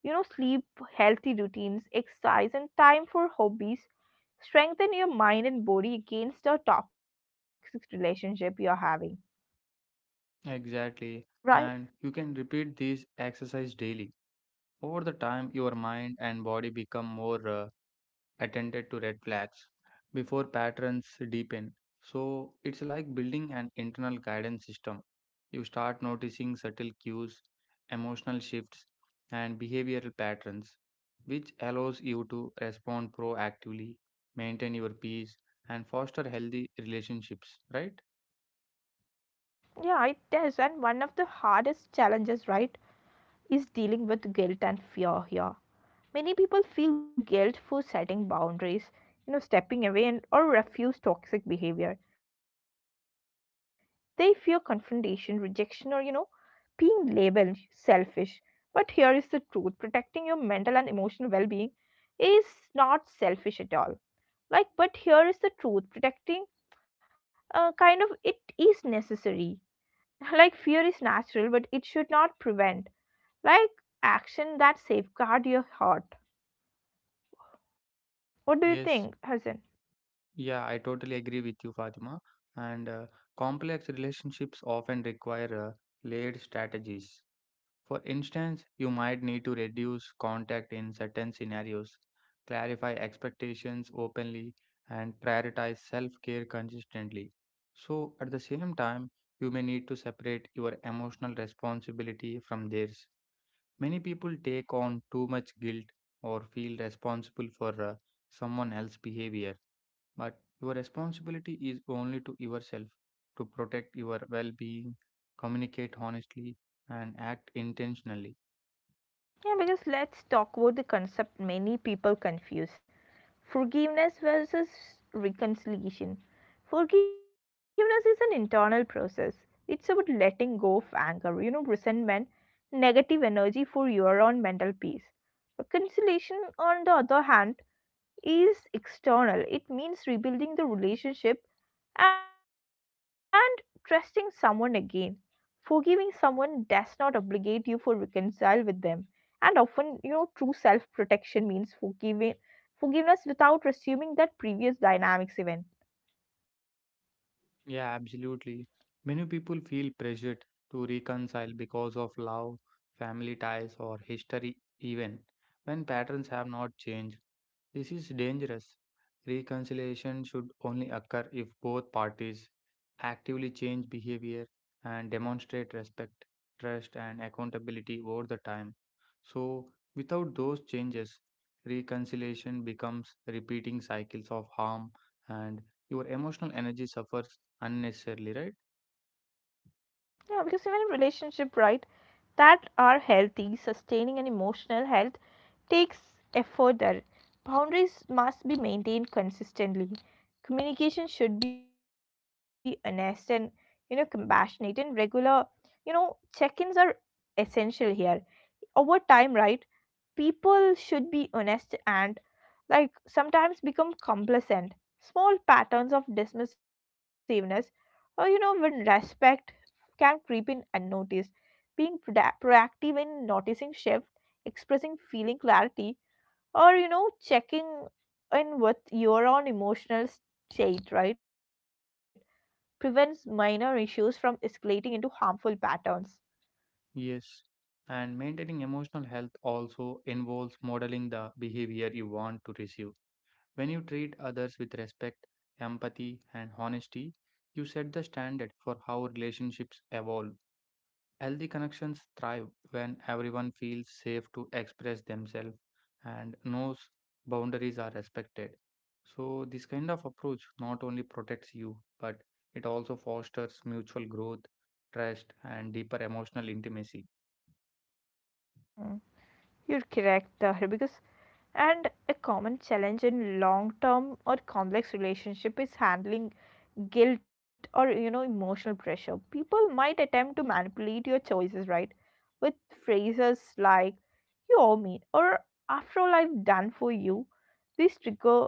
A: you know, sleep, healthy routines, exercise, and time for hobbies strengthen your mind and body against the toxic relationship you're having,
B: Exactly.
A: right?
B: And you can repeat this exercise daily. Over the time, your mind and body become more attended to red flags before patterns deepen. So it's like building an internal guidance system. You start noticing subtle cues, emotional shifts, and behavioral patterns, which allows you to respond proactively, maintain your peace, and foster healthy relationships, right?
A: Yeah, it is. And one of the hardest challenges, right, is dealing with guilt and fear here. Many people feel guilt for setting boundaries, you know, stepping away and or refuse toxic behavior. They fear confrontation, rejection, or you know, being labeled selfish. But here is the truth, protecting your mental and emotional well being is not selfish at all. Like, but here is the truth protecting, kind of, it is necessary. *laughs* Like fear is natural, but it should not prevent like action that safeguard your heart. What do you
B: Yes,
A: think, Hassan?
B: yeah, I totally agree with you, Fatima. And complex relationships often require layered strategies. For instance, you might need to reduce contact in certain scenarios, clarify expectations openly, and prioritize self care consistently. So, at the same time, you may need to separate your emotional responsibility from theirs. Many people take on too much guilt or feel responsible for someone else's behavior, but your responsibility is only to yourself to protect your well being, communicate honestly, and act intentionally.
A: Yeah, because let's talk about the concept. Many people confuse forgiveness versus reconciliation. Forgiveness is an internal process. It's about letting go of anger, you know, resentment, negative energy for your own mental peace. Reconciliation, on the other hand, is external. It means rebuilding the relationship and trusting someone again. Forgiving someone does not obligate you for reconcile with them. And often, you know, true self-protection means forgiving forgiveness without resuming that previous dynamics even.
B: Yeah, absolutely. Many people feel pressured to reconcile because of love, family ties, or history, even when patterns have not changed. This is dangerous. Reconciliation should only occur if both parties actively change behavior and demonstrate respect, trust, and accountability over the time. So, without those changes, reconciliation becomes repeating cycles of harm and your emotional energy suffers unnecessarily, right?
A: Yeah, because even in relationship, right, that are healthy, sustaining and emotional health takes effort there. Boundaries must be maintained consistently. Communication should be honest and you know compassionate and regular. You know, check-ins are essential here. Over time, right, people should be honest and like sometimes become complacent. Small patterns of dismissiveness or you know when respect can creep in unnoticed. Being proactive in noticing shift, expressing feeling clarity, or you know checking in with your own emotional state, right, prevents minor issues from escalating into harmful patterns.
B: Yes. And maintaining emotional health also involves modeling the behavior you want to receive. When you treat others with respect, empathy, and honesty, you set the standard for how relationships evolve. Healthy connections thrive when everyone feels safe to express themselves and knows boundaries are respected. So, this kind of approach not only protects you, but it also fosters mutual growth, trust, and deeper emotional intimacy.
A: Mm. You're correct, Tahir, because and a common challenge in long-term or complex relationship is handling guilt, or you know, emotional pressure. People might attempt to manipulate your choices, right? With phrases like "you owe me" or "after all I've done for you." These trigger,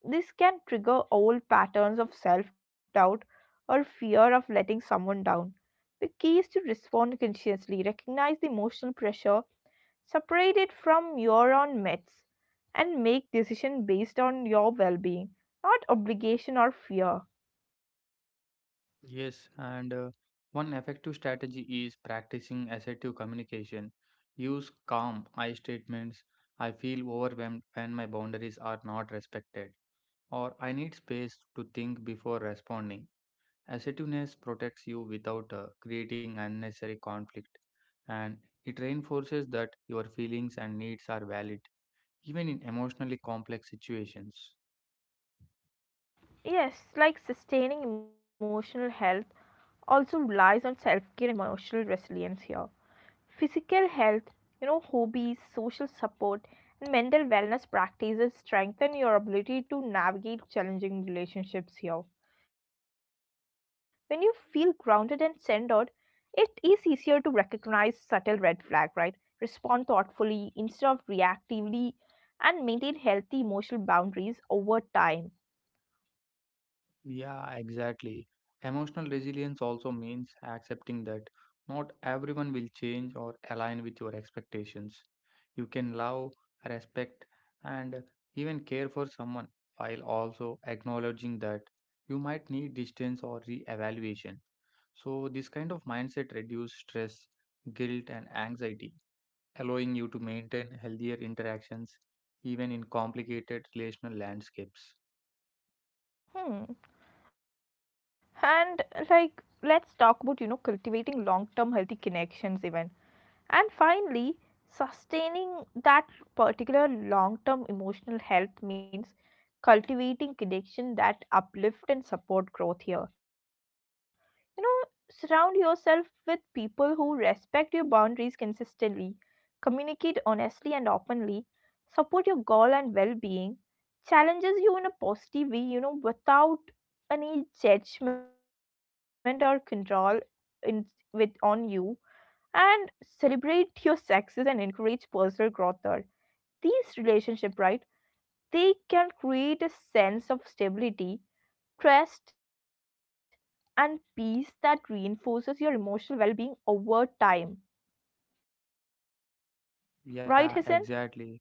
A: this can trigger old patterns of self-doubt or fear of letting someone down. The key is to respond consciously, recognize the emotional pressure, separate it from your own myths, and make decisions based on your well being, not obligation or fear.
B: Yes, and one effective strategy is practicing assertive communication. Use calm I statements. I feel overwhelmed when my boundaries are not respected, or I need space to think before responding. Assertiveness protects you without creating unnecessary conflict, and it reinforces that your feelings and needs are valid, even in emotionally complex situations.
A: Yes, like sustaining emotional health also relies on self care and emotional resilience here. Physical health, you know, hobbies, social support, and mental wellness practices strengthen your ability to navigate challenging relationships here. When you feel grounded and centered, it is easier to recognize subtle red flag, right? Respond thoughtfully instead of reactively and maintain healthy emotional boundaries over time.
B: Yeah, exactly. Emotional resilience also means accepting that not everyone will change or align with your expectations. You can love, respect, and even care for someone while also acknowledging that you might need distance or re-evaluation. So, this kind of mindset reduces stress, guilt, and anxiety, allowing you to maintain healthier interactions even in complicated relational landscapes.
A: Hmm. And like let's talk about, you know, cultivating long-term healthy connections even. And finally, sustaining that particular long term emotional health means cultivating connection that uplift and support growth here. You know, surround yourself with people who respect your boundaries consistently, communicate honestly and openly, support your goal and well being, challenges you in a positive way, you know, without any judgment or control in with on you, and celebrate your success and encourage personal growth there. These relationship, right, they can create a sense of stability, trust, and peace that reinforces your emotional well-being over time.
B: Yeah,
A: Right, Hasan?
B: exactly.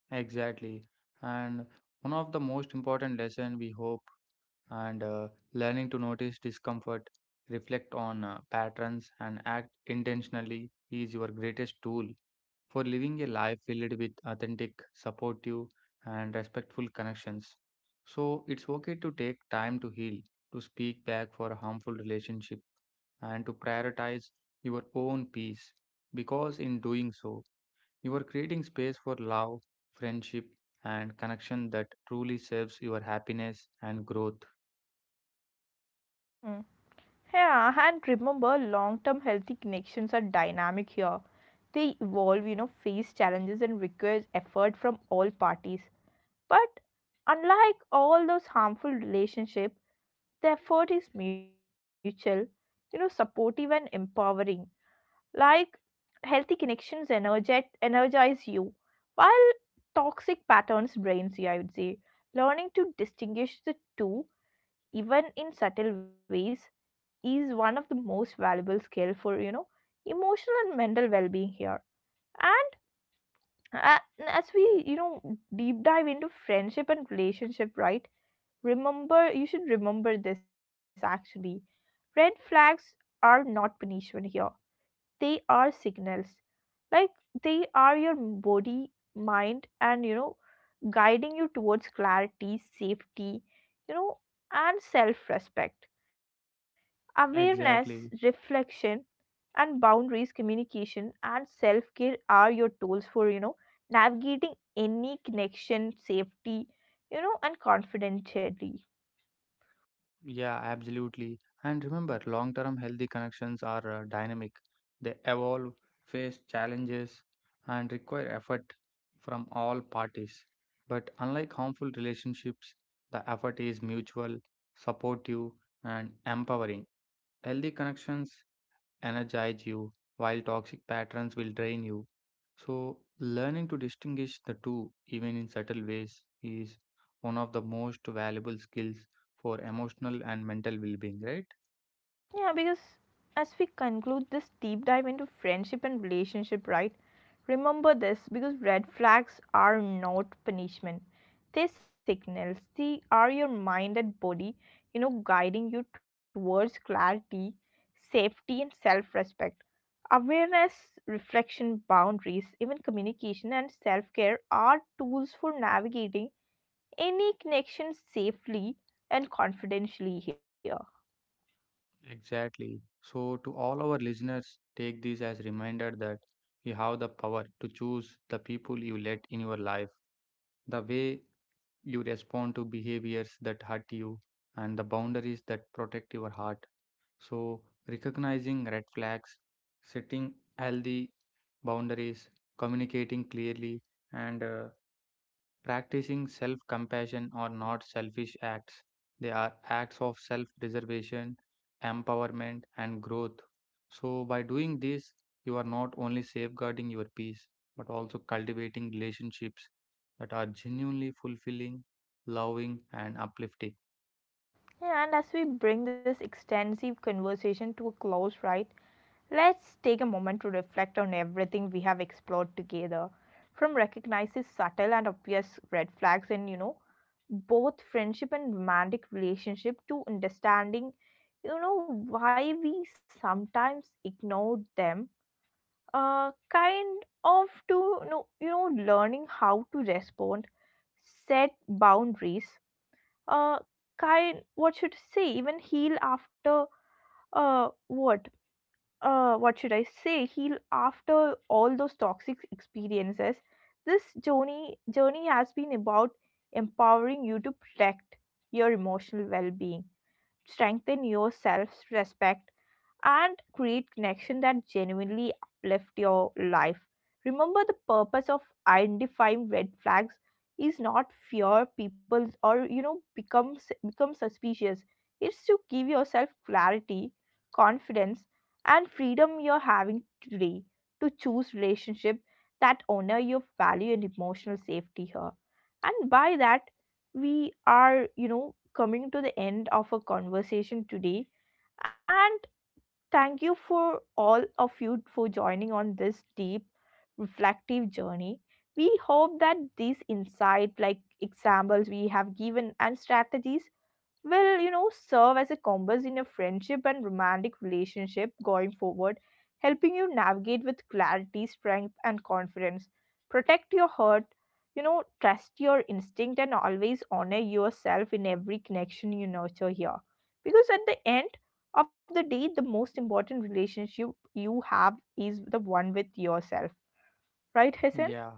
B: Exactly. And one of the most important lesson we hope and learning to notice discomfort, reflect on patterns and act intentionally is your greatest tool for living a life filled with authentic, supportive and respectful connections. So it's okay to take time to heal, to speak back for a harmful relationship and to prioritize your own peace because in doing so you are creating space for love, friendship, and connection that truly serves your happiness and growth.
A: Hmm. Yeah, and remember, long-term healthy connections are dynamic here. They evolve, you know, face challenges and requires effort from all parties. But unlike all those harmful relationships, the effort is mutual, you know, supportive and empowering. Like healthy connections energize you, while toxic patterns drains you, I would say. Learning to distinguish the two, even in subtle ways, is one of the most valuable skill for, you know, emotional and mental well-being here. And uh, as we, you know, deep dive into friendship and relationship, right? Remember, you should remember this actually. Red flags are not punishment here. They are signals. Like they are your body, mind, and you know, guiding you towards clarity, safety, you know, and self respect. Awareness,
B: Exactly.
A: reflection, and boundaries, communication, and self care are your tools for, you know, navigating any connection, safety, you know, and confidentially.
B: Yeah, absolutely. And remember, long term healthy connections are dynamic, they evolve, face challenges, and require effort from all parties. But unlike harmful relationships, the effort is mutual, supportive, and empowering. Healthy connections energize you, while toxic patterns will drain you. So, learning to distinguish the two, even in subtle ways, is one of the most valuable skills for emotional and mental well being, right?
A: Yeah, because as we conclude this deep dive into friendship and relationship, right? Remember this, because red flags are not punishment. They signals. They are your mind and body, you know, guiding you towards clarity, safety and self-respect. Awareness, reflection, boundaries, even communication and self-care are tools for navigating any connection safely and confidentially here.
B: Exactly. So, to all our listeners, take this as reminder that you have the power to choose the people you let in your life, the way you respond to behaviors that hurt you, and the boundaries that protect your heart. So, recognizing red flags, setting healthy boundaries, communicating clearly, and practicing self compassion are not selfish acts. They are acts of self preservation, empowerment, and growth. So, by doing this, you are not only safeguarding your peace, but also cultivating relationships that are genuinely fulfilling, loving, and uplifting.
A: Yeah, and as we bring this extensive conversation to a close, right, let's take a moment to reflect on everything we have explored together. From recognizing subtle and obvious red flags in, you know, both friendship and romantic relationship to understanding, you know, why we sometimes ignore them. Kind of to, you know, learning how to respond, set boundaries, uh kind what should I say, even heal after what, what should I say, heal after all those toxic experiences. This journey has been about empowering you to protect your emotional well-being, strengthen your self-respect, and create connection that genuinely uplift your life. Remember, the purpose of identifying red flags is not fear people, or you know, become suspicious. It's to give yourself clarity, confidence, and freedom you're having today to choose relationship that honor your value and emotional safety here. And by that, we are, you know, coming to the end of a conversation today. And thank you for all of you for joining on this deep, reflective journey. We hope that these insight, like examples we have given, and strategies will, you know, serve as a compass in your friendship and romantic relationship going forward, helping you navigate with clarity, strength, and confidence, protect your heart, you know, trust your instinct, and always honor yourself in every connection you nurture here, because at the end of the day, the most important relationship you have is the one with yourself, right, Hassan?
B: Yeah,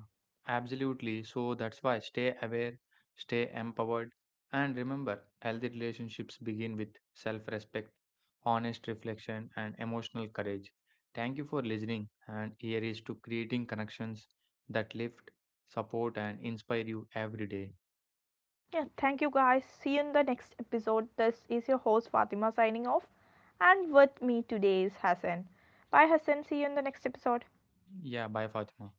B: absolutely. So that's why stay aware, stay empowered, and remember healthy relationships begin with self respect, honest reflection, and emotional courage. Thank you for listening, and here is to creating connections that lift, support, and inspire you every day.
A: Yeah, thank you guys. See you in the next episode. This is your host Fatima signing off, and with me today is Hassan. Bye, Hassan. See you in the next episode.
B: Yeah, bye, Fatima.